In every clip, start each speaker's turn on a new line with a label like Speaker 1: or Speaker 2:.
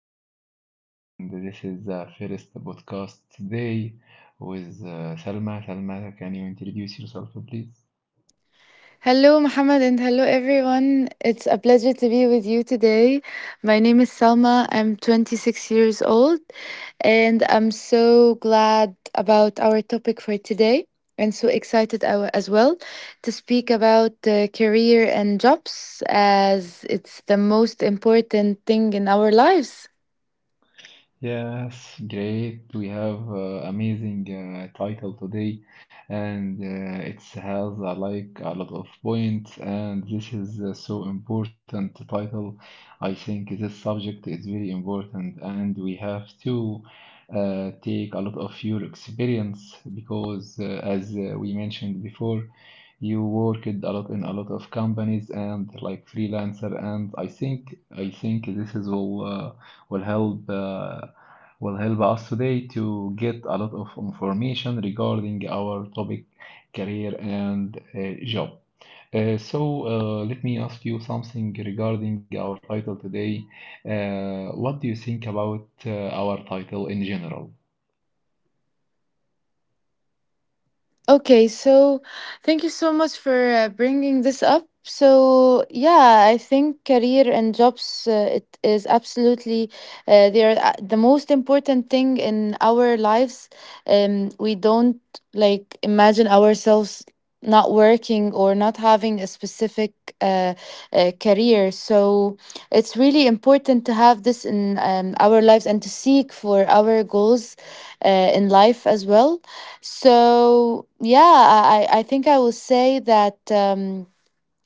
Speaker 1: podcast, and this is the first podcast today with Salma. Salma, can you introduce yourself, please?
Speaker 2: Hello, Mohammed, and hello, everyone. It's a pleasure to be with you today. My name is Salma. I'm 26 years old, and I'm so glad about our topic for today and so excited as well to speak about career and jobs as it's the most important thing in our lives.
Speaker 1: Yes, great. We have amazing title today, and it has like a lot of points, and this is so important title. I think this subject is very important, and we have to take a lot of your experience because, as we mentioned before, you worked a lot in a lot of companies and like freelancer, and I think this is all. Will help. Will help us today to get a lot of information regarding our topic career and job. So let me ask you something regarding our title today. What do you think about our title in general?
Speaker 2: Okay, so thank you so much for bringing this up. So yeah, I think career and jobs it is absolutely they are the most important thing in our lives. We don't like imagine ourselves not working or not having a specific uh, career. So it's really important to have this in our lives and to seek for our goals uh, in life as well. So yeah, I think I will say that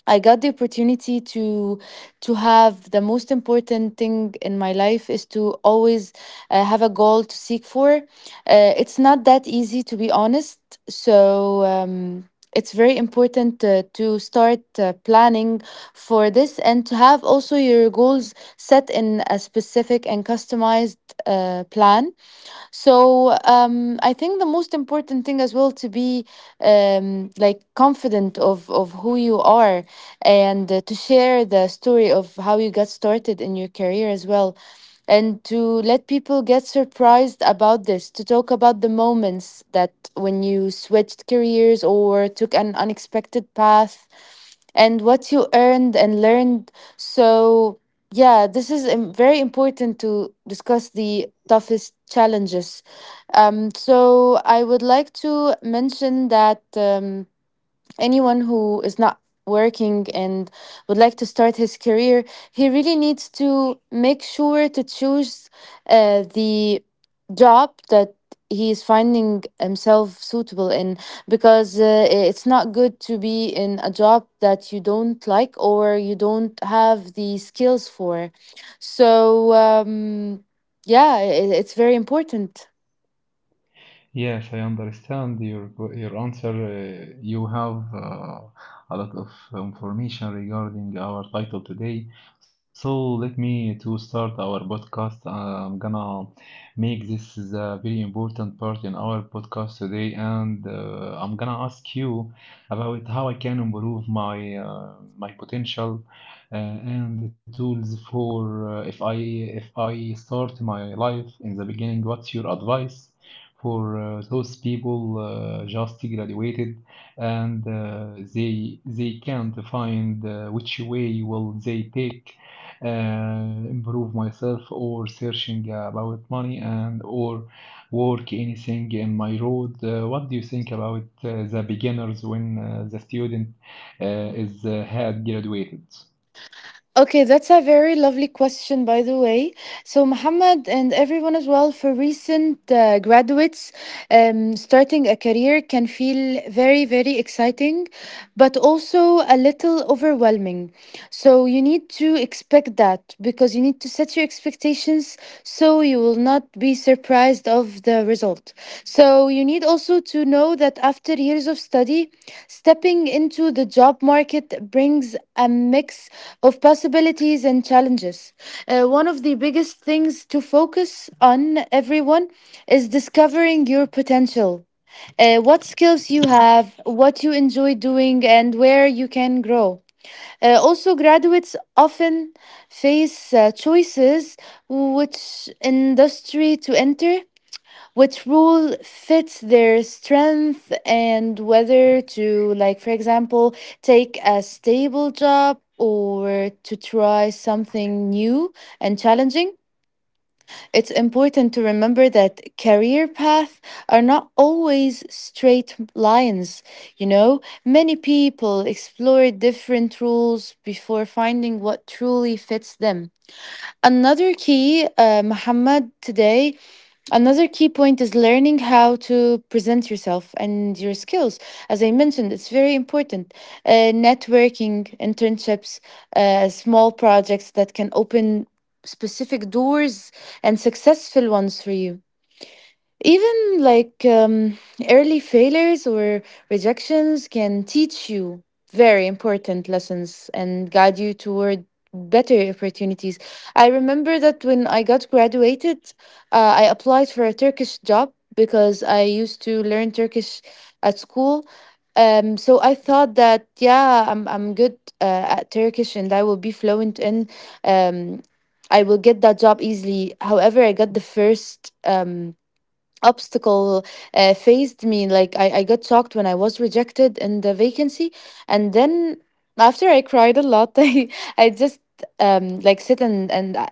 Speaker 2: I got the opportunity to have the most important thing in my life is to always have a goal to seek for. It's not that easy, to be honest. So it's very important to start planning for this and to have also your goals set in a specific and customized plan. So I think the most important thing as well, to be like confident of who you are and to share the story of how you got started in your career as well. And to let people get surprised about this, to talk about the moments that when you switched careers or took an unexpected path and what you earned and learned. So yeah, very important to discuss the toughest challenges. So I would like to mention that. Anyone who is not working and would like to start his career, he really needs to make sure to choose the job that he is finding himself suitable in, because it's not good to be in a job that you don't like or you don't have the skills for. So, yeah, I it's very important.
Speaker 1: Yes, I understand your answer. You have a lot of information regarding our title today. So let me to start our podcast. I'm gonna make this is a very important part in our podcast today, and I'm gonna ask you about how I can improve my potential and the tools for uh, if I if I start my life in the beginning. What's your advice for those people just graduated, and they can't find which way will they take, uh, improve myself, or searching about money and or work anything in my road? What do you think about the beginners when the student is had graduated?
Speaker 2: Okay, that's a very lovely question, by the way. So, Muhammad and everyone as well, for recent graduates, starting a career can feel very, very exciting, but also a little overwhelming. So you need to expect that, because you need to set your expectations so you will not be surprised of the result. So you need also to know that after years of study, stepping into the job market brings a mix of possibilities and challenges. One of the biggest things to focus on, everyone, is discovering your potential. What skills you have, what you enjoy doing, and where you can grow. Also, graduates often face choices: which industry to enter, which role fits their strength, and whether to, like, for example, take a stable job or to try something new and challenging. It's important to remember that career paths are not always straight lines, you know? Many people explore different roles before finding what truly fits them. Another key, uh, Muhammad, today, another key point is learning how to present yourself and your skills. As I mentioned, it's very important. Networking, internships, small projects that can open specific doors and successful ones for you. Even like early failures or rejections can teach you very important lessons and guide you toward better opportunities. I remember that when I got graduated, I applied for a Turkish job because I used to learn Turkish at school. So I thought that, yeah, I'm good at Turkish and I will be fluent in. Um, I will get that job easily. However, I got the first obstacle faced me, like I got shocked when I was rejected in the vacancy. And then after I cried a lot, I just like sit and I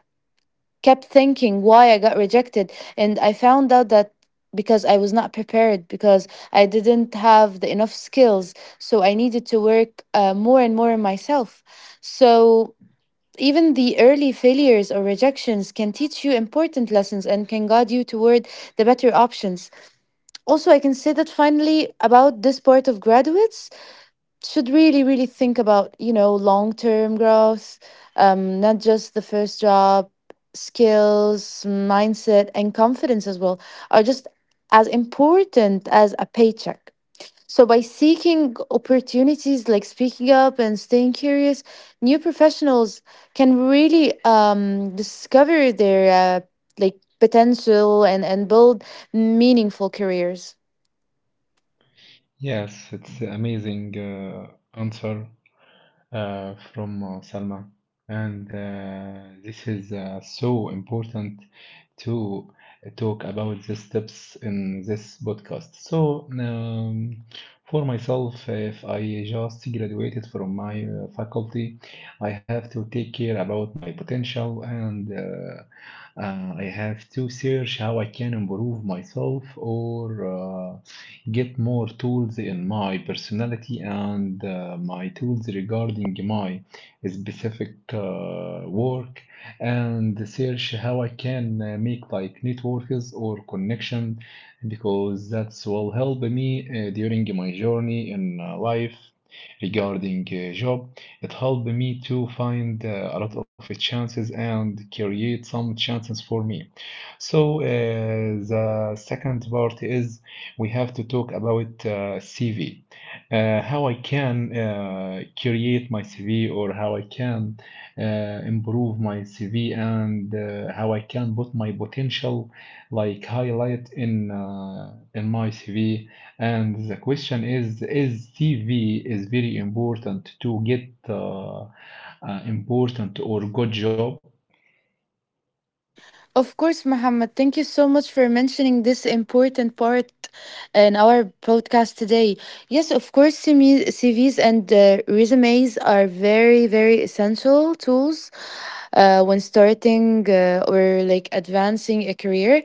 Speaker 2: kept thinking why I got rejected, and I found out that because I was not prepared, because I didn't have the enough skills. So I needed to work more and more on myself. So even the early failures or rejections can teach you important lessons and can guide you toward the better options. Also, I can say that, finally, about this part of graduates, should really, really think about, you know, long term growth. Um, not just the first job. Skills, mindset, and confidence as well are just as important as a paycheck. So by seeking opportunities, like speaking up and staying curious, new professionals can really discover their like potential, and build meaningful careers.
Speaker 1: Yes, it's an amazing answer from Salma. And this is so important to talk about the steps in this podcast. So, for myself, if I just graduated from my faculty, I have to take care about my potential, and I have to search how I can improve myself or get more tools in my personality and my tools regarding my specific work, and search how I can make like networks or connection, because that will help me during my journey in life regarding job. It helped me to find a lot of chances and create some chances for me. So, the second part is we have to talk about CV. How I can create my CV, or how I can uh, improve my CV, and how I can put my potential like highlight in my CV. And the question is CV is very important to get important or good job?
Speaker 2: Of course, Muhammad. Thank you so much for mentioning this important part in our podcast today. Yes, of course, CME CVs and resumes are very, very essential tools when starting or like advancing a career.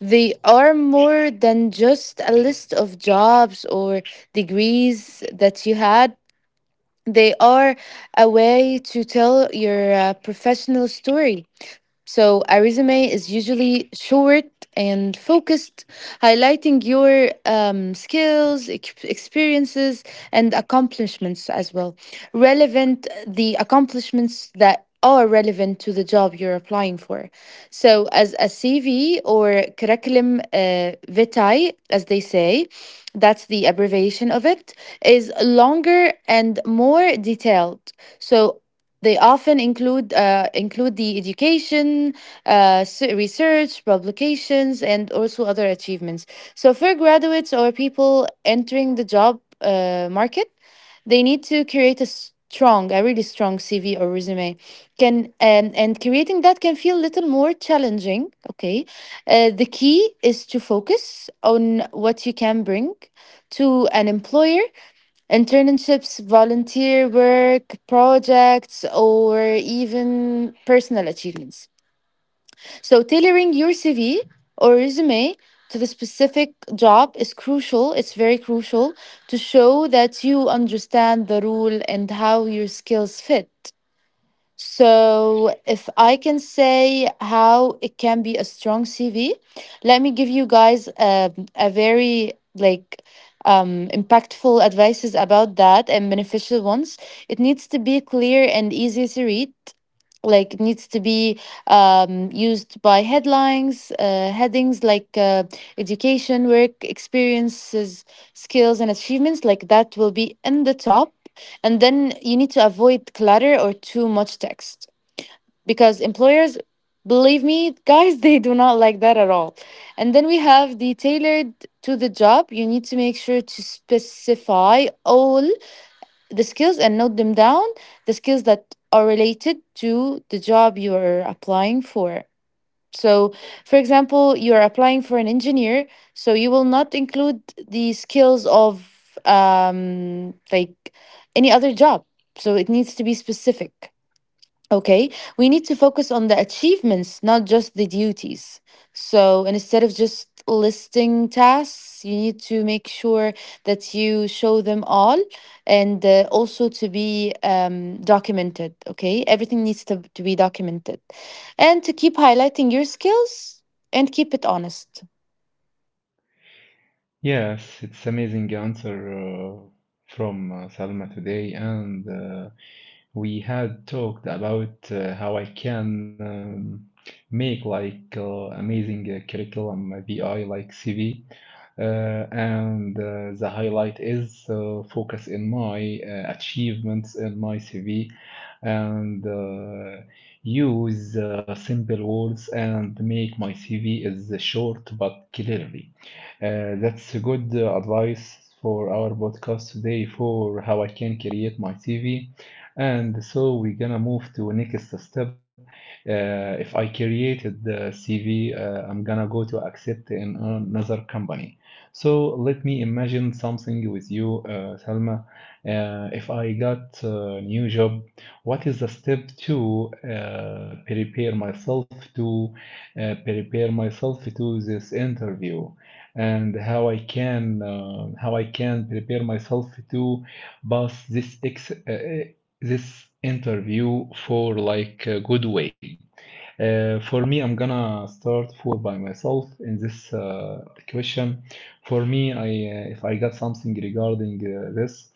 Speaker 2: They are more than just a list of jobs or degrees that you had, they are a way to tell your professional story. So, a resume is usually short and focused, highlighting your skills, experiences, and accomplishments as well. Relevant, the accomplishments that are relevant to the job you're applying for. So, as a CV, or curriculum vitae, as they say, that's the abbreviation of it, is longer and more detailed. So, they often include the education, research, publications, and also other achievements. So for graduates or people entering the job market, they need to create a strong, a really strong CV or resume. Can and Creating that can feel a little more challenging. Okay, the key is to focus on what you can bring to an employer. Internships, volunteer work, projects, or even personal achievements. So, tailoring your CV or resume to the specific job is crucial. It's very crucial to show that you understand the role and how your skills fit. So, if I can say how it can be a strong CV, let me give you guys a very like impactful advices about that and beneficial ones. It needs to be clear and easy to read, like it needs to be used by headlines, headings like education, work experiences, skills and achievements, like that will be in the top. And then you need to avoid clutter or too much text, because employers, believe me, guys, they do not like that at all. And then we have the tailored to the job. You need to make sure to specify all the skills and note them down, the skills that are related to the job you're applying for. So, for example, you're applying for an engineer, so you will not include the skills of like any other job. So it needs to be specific. Okay, we need to focus on the achievements, not just the duties. So instead of just listing tasks, you need to make sure that you show them all and also to be documented. Okay, everything needs to be documented, and to keep highlighting your skills and keep it honest.
Speaker 1: Yes, it's amazing answer uh, from Salma today, and we had talked about how I can make like amazing curriculum BI like CV, and the highlight is focus in my achievements in my CV, and use simple words and make my CV is short but clearly. That's a good advice for our podcast today for how I can create my CV, and so we're gonna move to next step. If I created the CV, I'm gonna go to accept in another company. So let me imagine something with you, Salma. If I got a new job, what is the step to prepare myself to this interview? And how I can prepare myself to pass this interview for like a good way. For me, I'm gonna start for by myself in this question. For me, I if I got something regarding this,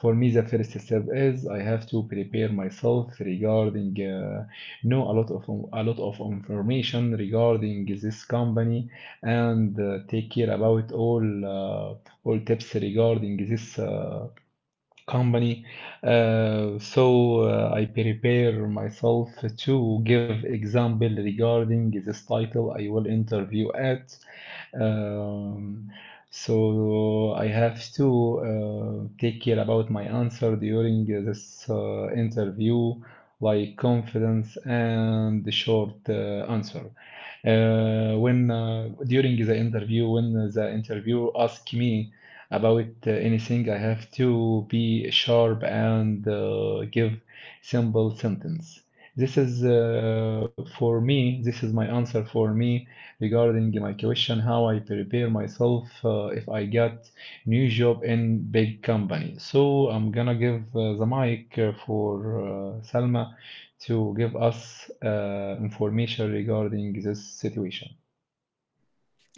Speaker 1: for me the first step is I have to prepare myself regarding, know a lot of information regarding this company, and take care about all tips regarding this. Company. So I prepare myself to give example regarding this title I will interview at. Um, so I have to take care about my answer during this interview, like confidence and the short answer. When during the interview, when the interviewer asked me about anything, I have to be sharp and give simple sentence. This is For me, this is my answer for me regarding my question, how I prepare myself if I get new job in big company. So I'm gonna give the mic for Salma to give us information regarding this situation.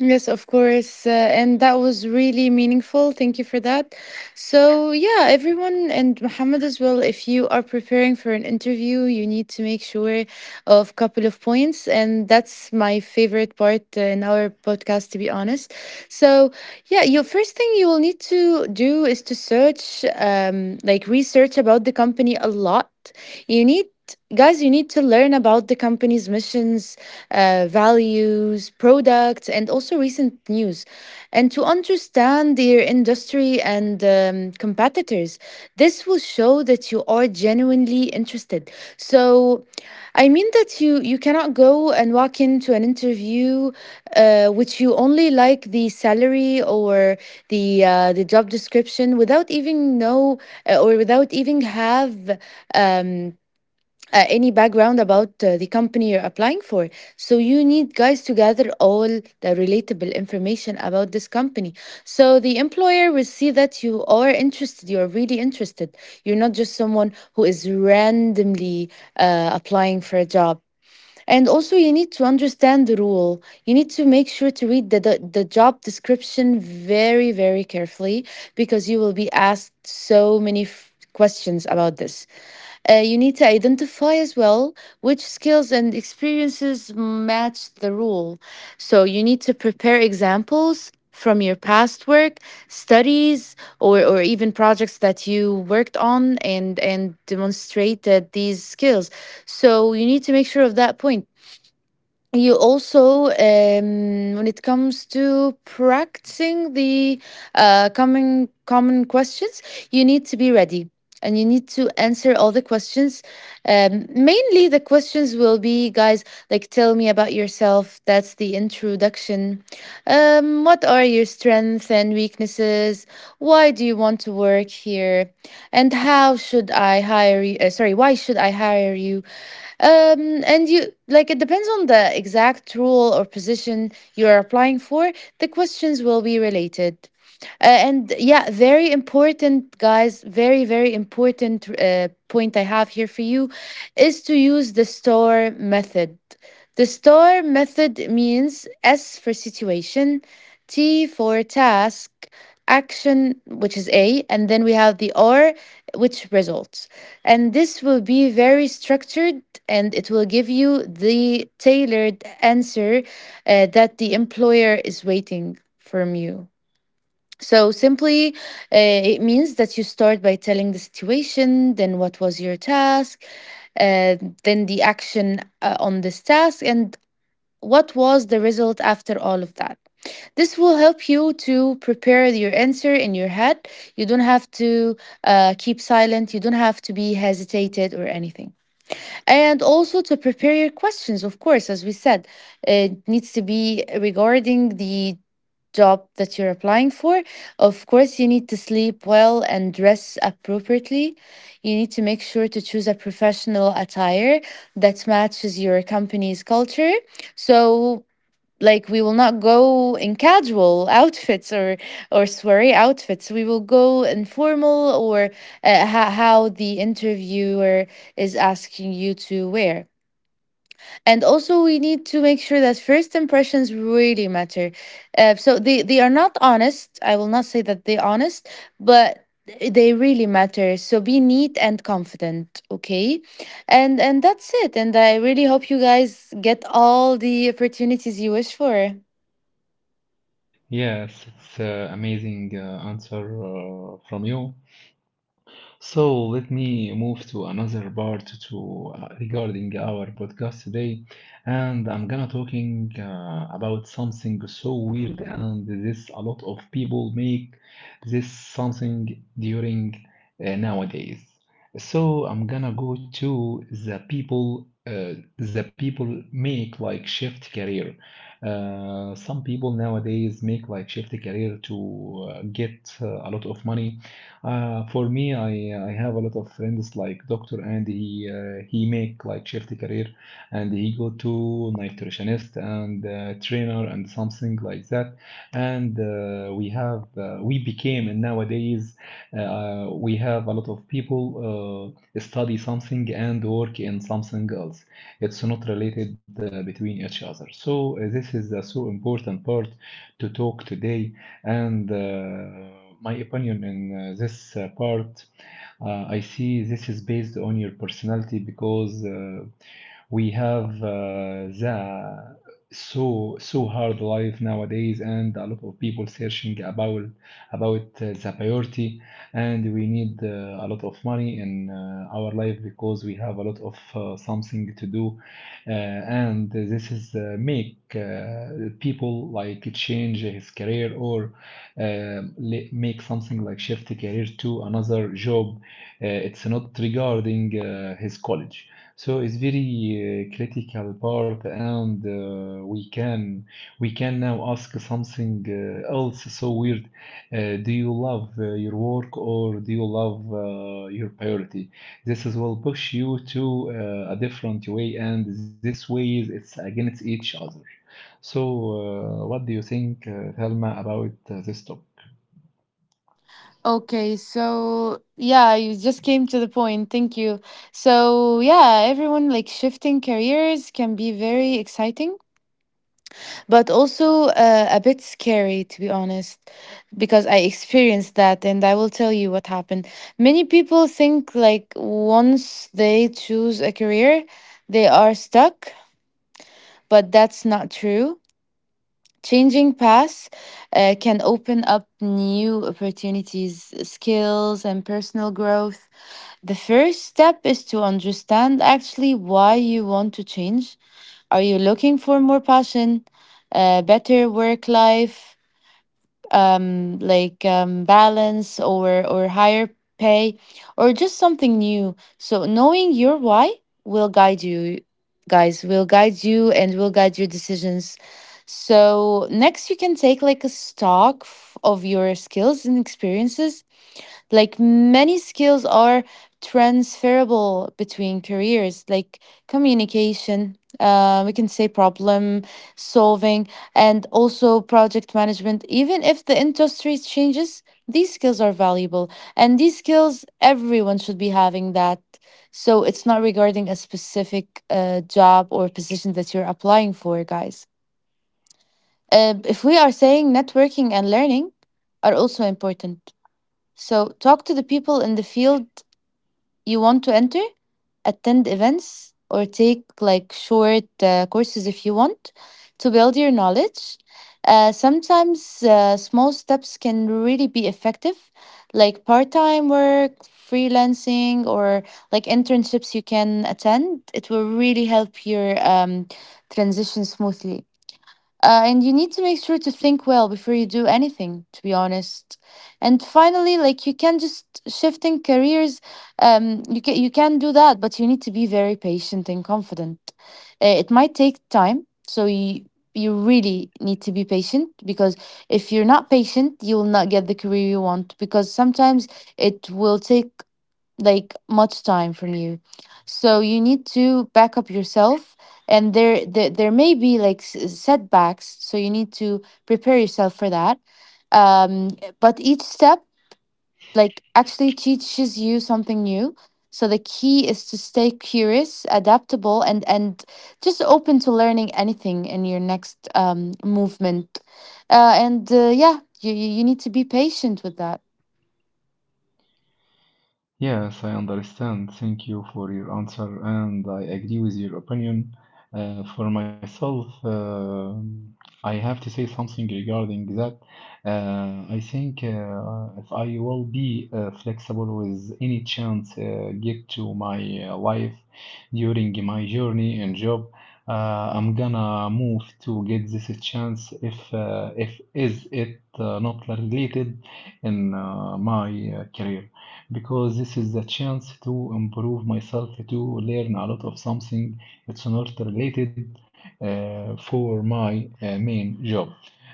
Speaker 2: Yes, of course. And that was really meaningful. Thank you for that. So, yeah, everyone and Muhammad as well, if you are preparing for an interview, you need to make sure of couple of points. And that's my favorite part in our podcast, to be honest. So, yeah, your first thing you will need to do is to search, like research about the company a lot. You need, guys, you need to learn about the company's missions, values, products, and also recent news, and to understand their industry and competitors. This will show that you are genuinely interested. So, I mean that you cannot go and walk into an interview which you only like the salary or the job description without even know or without even have um, any background about the company you're applying for. So you need, guys, to gather all the relatable information about this company. So the employer will see that you are interested, you're really interested. You're not just someone who is randomly applying for a job. And also, you need to understand the rule. You need to make sure to read the job description very, very carefully, because you will be asked so many questions about this. You need to identify as well which skills and experiences match the rule. So you need to prepare examples from your past work, studies, or even projects that you worked on, and demonstrate that these skills. So you need to make sure of that point. You also, when it comes to practicing the common questions, you need to be ready and you need to answer all the questions. Mainly the questions will be, guys, like tell me about yourself, that's the introduction. What are your strengths and weaknesses, why do you want to work here, and how should I hire you, sorry, why should I hire you? And you, like, it depends on the exact role or position you are applying for. The questions will be related. And yeah, very important, guys. Very, very important point I have here for you is to use the STAR method. The STAR method means S for situation, T for task, action, which is A, and then we have the R, which results. And this will be very structured and it will give you the tailored answer that the employer is waiting from you. So simply, it means that you start by telling the situation, then what was your task, uh, then the action on this task, and what was the result after all of that. This will help you to prepare your answer in your head. You don't have to keep silent. You don't have to be hesitated or anything. And also to prepare your questions, of course, as we said, it needs to be regarding the job that you're applying for. Of course, you need to sleep well and dress appropriately. You need to make sure to choose a professional attire that matches your company's culture. So, like, we will not go in casual outfits or soiree outfits, we will go informal or how the interviewer is asking you to wear. And also we need to make sure that first impressions really matter. So they are not honest, I will not say that they're honest, but they really matter, so be neat and confident, okay. And that's it, and I really hope you guys get all the opportunities you wish for.
Speaker 1: Yes, it's amazing answer from you. So let me move to another part to regarding our podcast today, and I'm gonna talking about something so weird, and this a lot of people make this something during nowadays. So I'm gonna go to the people. The people make like shift career. Some people nowadays make like shift career to get a lot of money. For me, I have a lot of friends like doctor, and he make like shift career, and he go to nutritionist and trainer and something like that. And we have we became, and nowadays we have a lot of people study something and work in something else. It's not related between each other. So this is so important part to talk today, and my opinion in this part, I see this is based on your personality because we have the so hard life nowadays, and a lot of people searching about the priority, and we need a lot of money in our life, because we have a lot of something to do, and this is make people like change his career or um, make something like shift career to another job. It's not regarding his college. So it's very critical part, and we can now ask something else so weird. Do you love your work, or do you love your priority? This is will push you to a different way, and this ways it's against each other. So, what do you think, Thelma, about this topic?
Speaker 2: Okay, so yeah, you just came to the point. Thank you. So, yeah, everyone, like, shifting careers can be very exciting, but also a bit scary, to be honest, because I experienced that and I will tell you what happened. Many people think, like, once they choose a career, they are stuck, but that's not true. Changing paths can open up new opportunities, skills, and personal growth. The first step is to understand actually why you want to change. Are you looking for more passion, better work life, like, balance, or higher pay, or just something new? So knowing your why will guide you, guys. Will guide you and will guide your decisions. So next, you can take, like, a stock of your skills and experiences. Like, many skills are transferable between careers, like communication, we can say problem solving, and also project management. Even if the industry changes, these skills are valuable. And these skills, everyone should be having that. So it's not regarding a specific job or position that you're applying for, guys. If we are saying, networking and learning are also important. So, talk to the people in the field you want to enter, attend events, or take, like, short courses, if you want to build your knowledge. Sometimes small steps can really be effective, like part time work, freelancing, or like internships you can attend. It will really help your transition smoothly. And you need to make sure to think well before you do anything, to be honest. And finally, like, you can just shifting careers, you can, you can do that, but you need to be very patient and confident. It might take time, so you really need to be patient, because if you're not patient, you will not get the career you want. Because sometimes it will take, like, much time from you, so you need to back up yourself. And there may be like setbacks, so you need to prepare yourself for that. But each step, like, actually teaches you something new. So the key is to stay curious, adaptable, and just open to learning anything in your next movement. And Yeah, you need to be patient with that.
Speaker 1: Yes, I understand. Thank you for your answer, and I agree with your opinion. For myself, I have to say something regarding that. I think if I will be flexible with any chance get to my life during my journey and job, I'm gonna move to get this chance if is it not related in my career, because this is the chance to improve myself, to learn a lot of something. It's not related for my main job.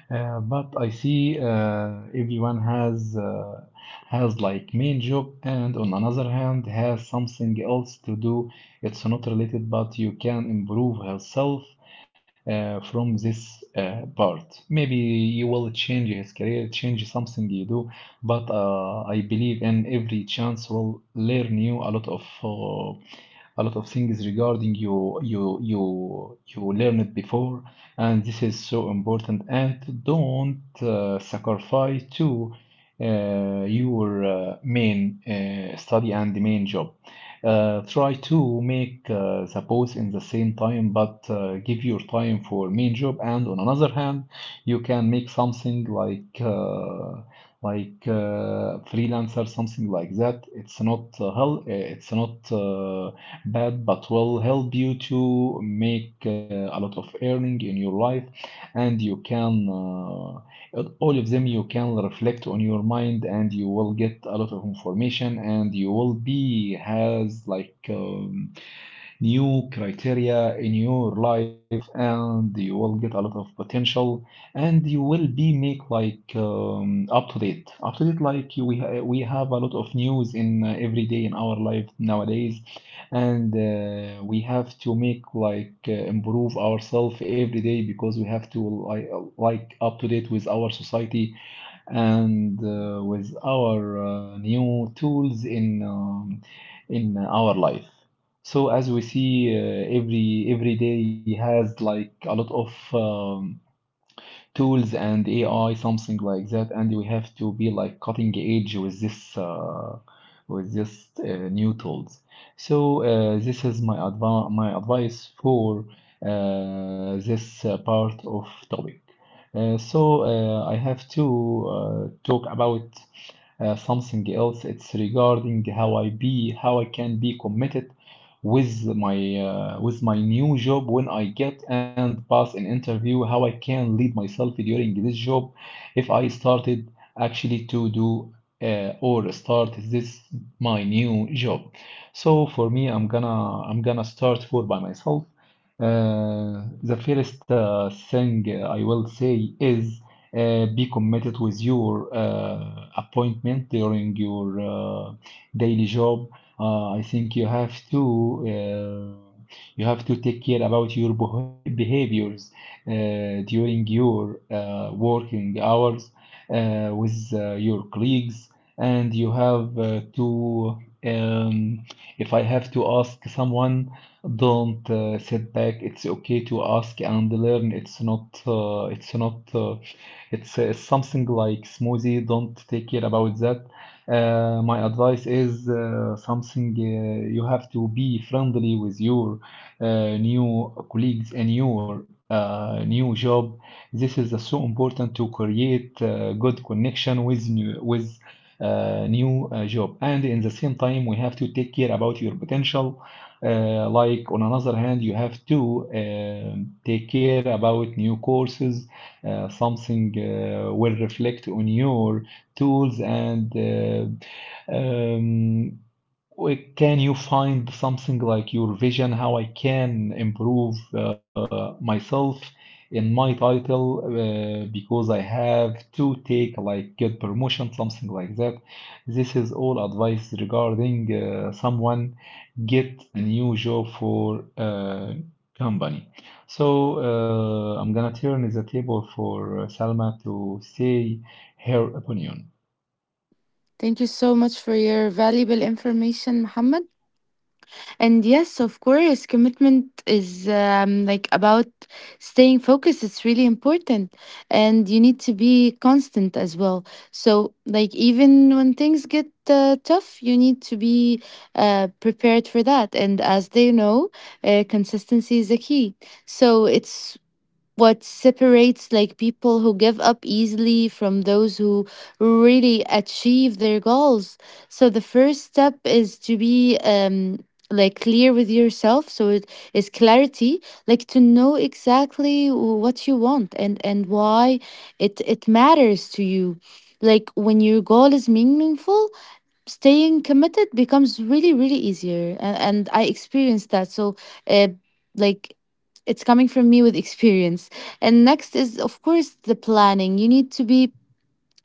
Speaker 1: But I see everyone has like main job, and on another hand has something else to do. It's not related, but you can improve herself from this part. Maybe you will change his career, change something you do, but I believe in every chance will learn you a lot of things regarding you learned before, and this is so important, and don't sacrifice to your main study and the main job. Try to make the both in the same time, but give your time for main job, and on another hand you can make something like freelancer, something like that. It's not hell, it's not but will help you to make a lot of earning in your life, and you can, all of them you can reflect on your mind, and you will get a lot of information, and you will be has like new criteria in your life, and you will get a lot of potential, and you will be make like up to date, like we have a lot of news in every day in our life nowadays, and we have to make like improve ourselves every day because we have to like, like up to date with our society, and with our new tools in our life. So as we see, every day has like a lot of tools and AI, something like that. And we have to be like cutting edge with this new tools. So, this is my advice for this part of topic. So I have to talk about something else. It's regarding how I can be committed with my new job when I get and pass an interview, how I can lead myself during this job if I started actually to do or start this my new job. So for me, I'm gonna start for by myself. The first thing I will say is be committed with your appointment during your daily job. I think you have to take care about your behaviors during your working hours with your colleagues, and you have to. Um, if I have to ask someone, don't sit back. It's okay to ask and learn. It's not. It's something like smoothie. Don't take care about that. My advice is something you have to be friendly with your new colleagues and your new job. This is so important to create good connection with new job. And in the same time, we have to take care about your potential. Like on another hand, you have to take care about new courses, something will reflect on your tools and can you find something like your vision, how I can improve myself in my title, because I have to take like get promotion, something like that. This is all advice regarding someone get a new job for company. So I'm gonna turn the table for Salma to say her opinion.
Speaker 2: Thank you so much for your valuable information, Muhammad. And yes, of course, commitment is, like, about staying focused. It's really important. And you need to be constant as well. So, like, even when things get tough, you need to be prepared for that. And as they know, consistency is the key. So, it's what separates, like, people who give up easily from those who really achieve their goals. So the first step is to be, like, clear with yourself. So it is clarity, like, to know exactly what you want and why it matters to you. Like, when your goal is meaningful, staying committed becomes really really easier, and I experienced that. So, uh, like it's coming from me with experience. And next is, of course, the planning. You need to be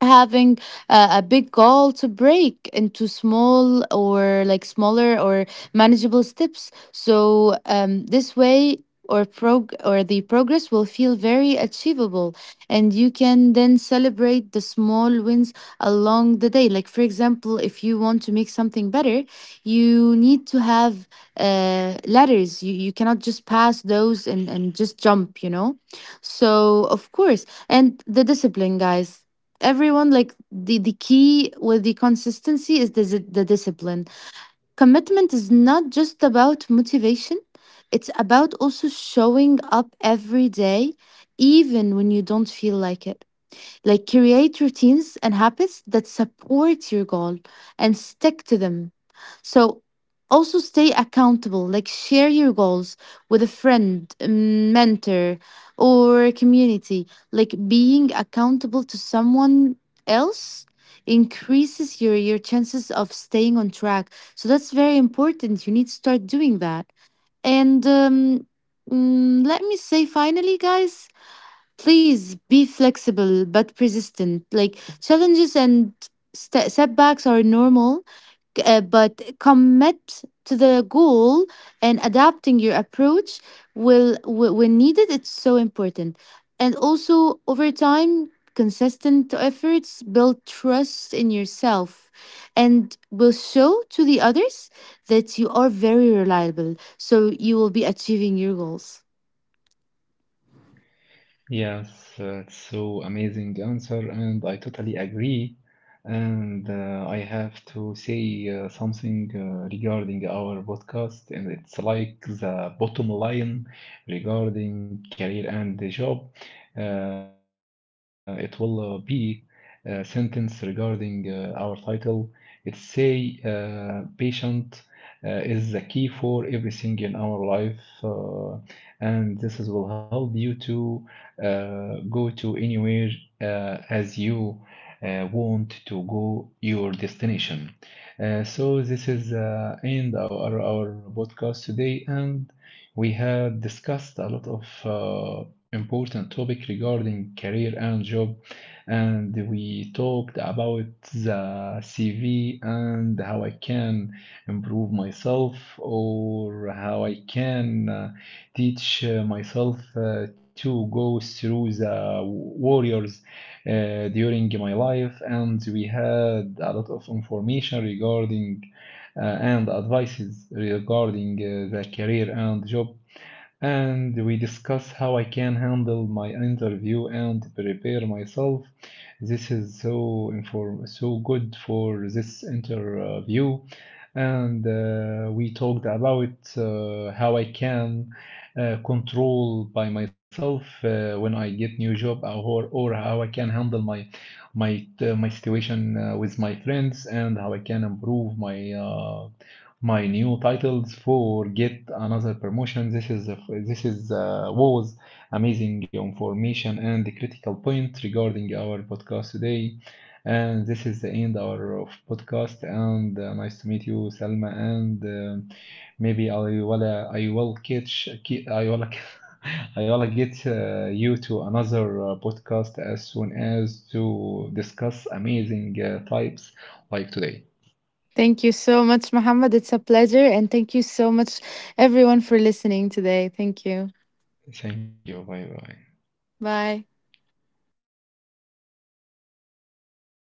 Speaker 2: having a big goal to break into small, or like smaller or manageable steps. So, this way, or prog or the progress will feel very achievable, and you can then celebrate the small wins along the day. Like, for example, if you want to make something better, you need to have ladders, you cannot just pass those and, just jump, you know. So, of course, and the discipline, guys, everyone, like, the key with the consistency is the the discipline. Commitment is not just about motivation, it's about also showing up every day even when you don't feel like it. Like, create routines and habits that support your goal and stick to them. So, also stay accountable, like share your goals with a friend, mm, mentor, or community. Like, being accountable to someone else increases your chances of staying on track. So that's very important. You need to start doing that. And let me say finally, guys, please be flexible but persistent. Like, challenges and setbacks are normal, but commit to the goal and adapting your approach will, when needed, it's so important. And also, over time, consistent efforts build trust in yourself and will show to the others that you are very reliable, so you will be achieving your goals.
Speaker 1: Yes, it's so amazing answer, and I totally agree. And I have to say something regarding our podcast, and it's like the bottom line regarding career and the job. It will be a sentence regarding our title. It say patient is the key for everything in our life, and this is will help you to go to anywhere as you want to go your destination. So this is end our podcast today, and we have discussed a lot of important topic regarding career and job, and we talked about the CV and how I can improve myself or how I can. Teach myself to go through the warriors during my life. And we had a lot of information regarding and advices regarding the career and job, and we discuss how I can handle my interview and prepare myself. This is so good for this interview. And we talked about how I can control by myself when I get new job, or how I can handle my situation with my friends, and how I can improve my new titles for get another promotion. This is a, this is was amazing information and critical point regarding our podcast today. And this is the end our of podcast. And nice to meet you, Salma. And maybe I will catch ki- I will I will get you to another podcast as soon as to discuss amazing types like today.
Speaker 2: Thank you so much, Muhammad. It's a pleasure. And thank you so much, everyone, for listening today. Thank you.
Speaker 1: Thank you. Bye bye.
Speaker 2: Bye.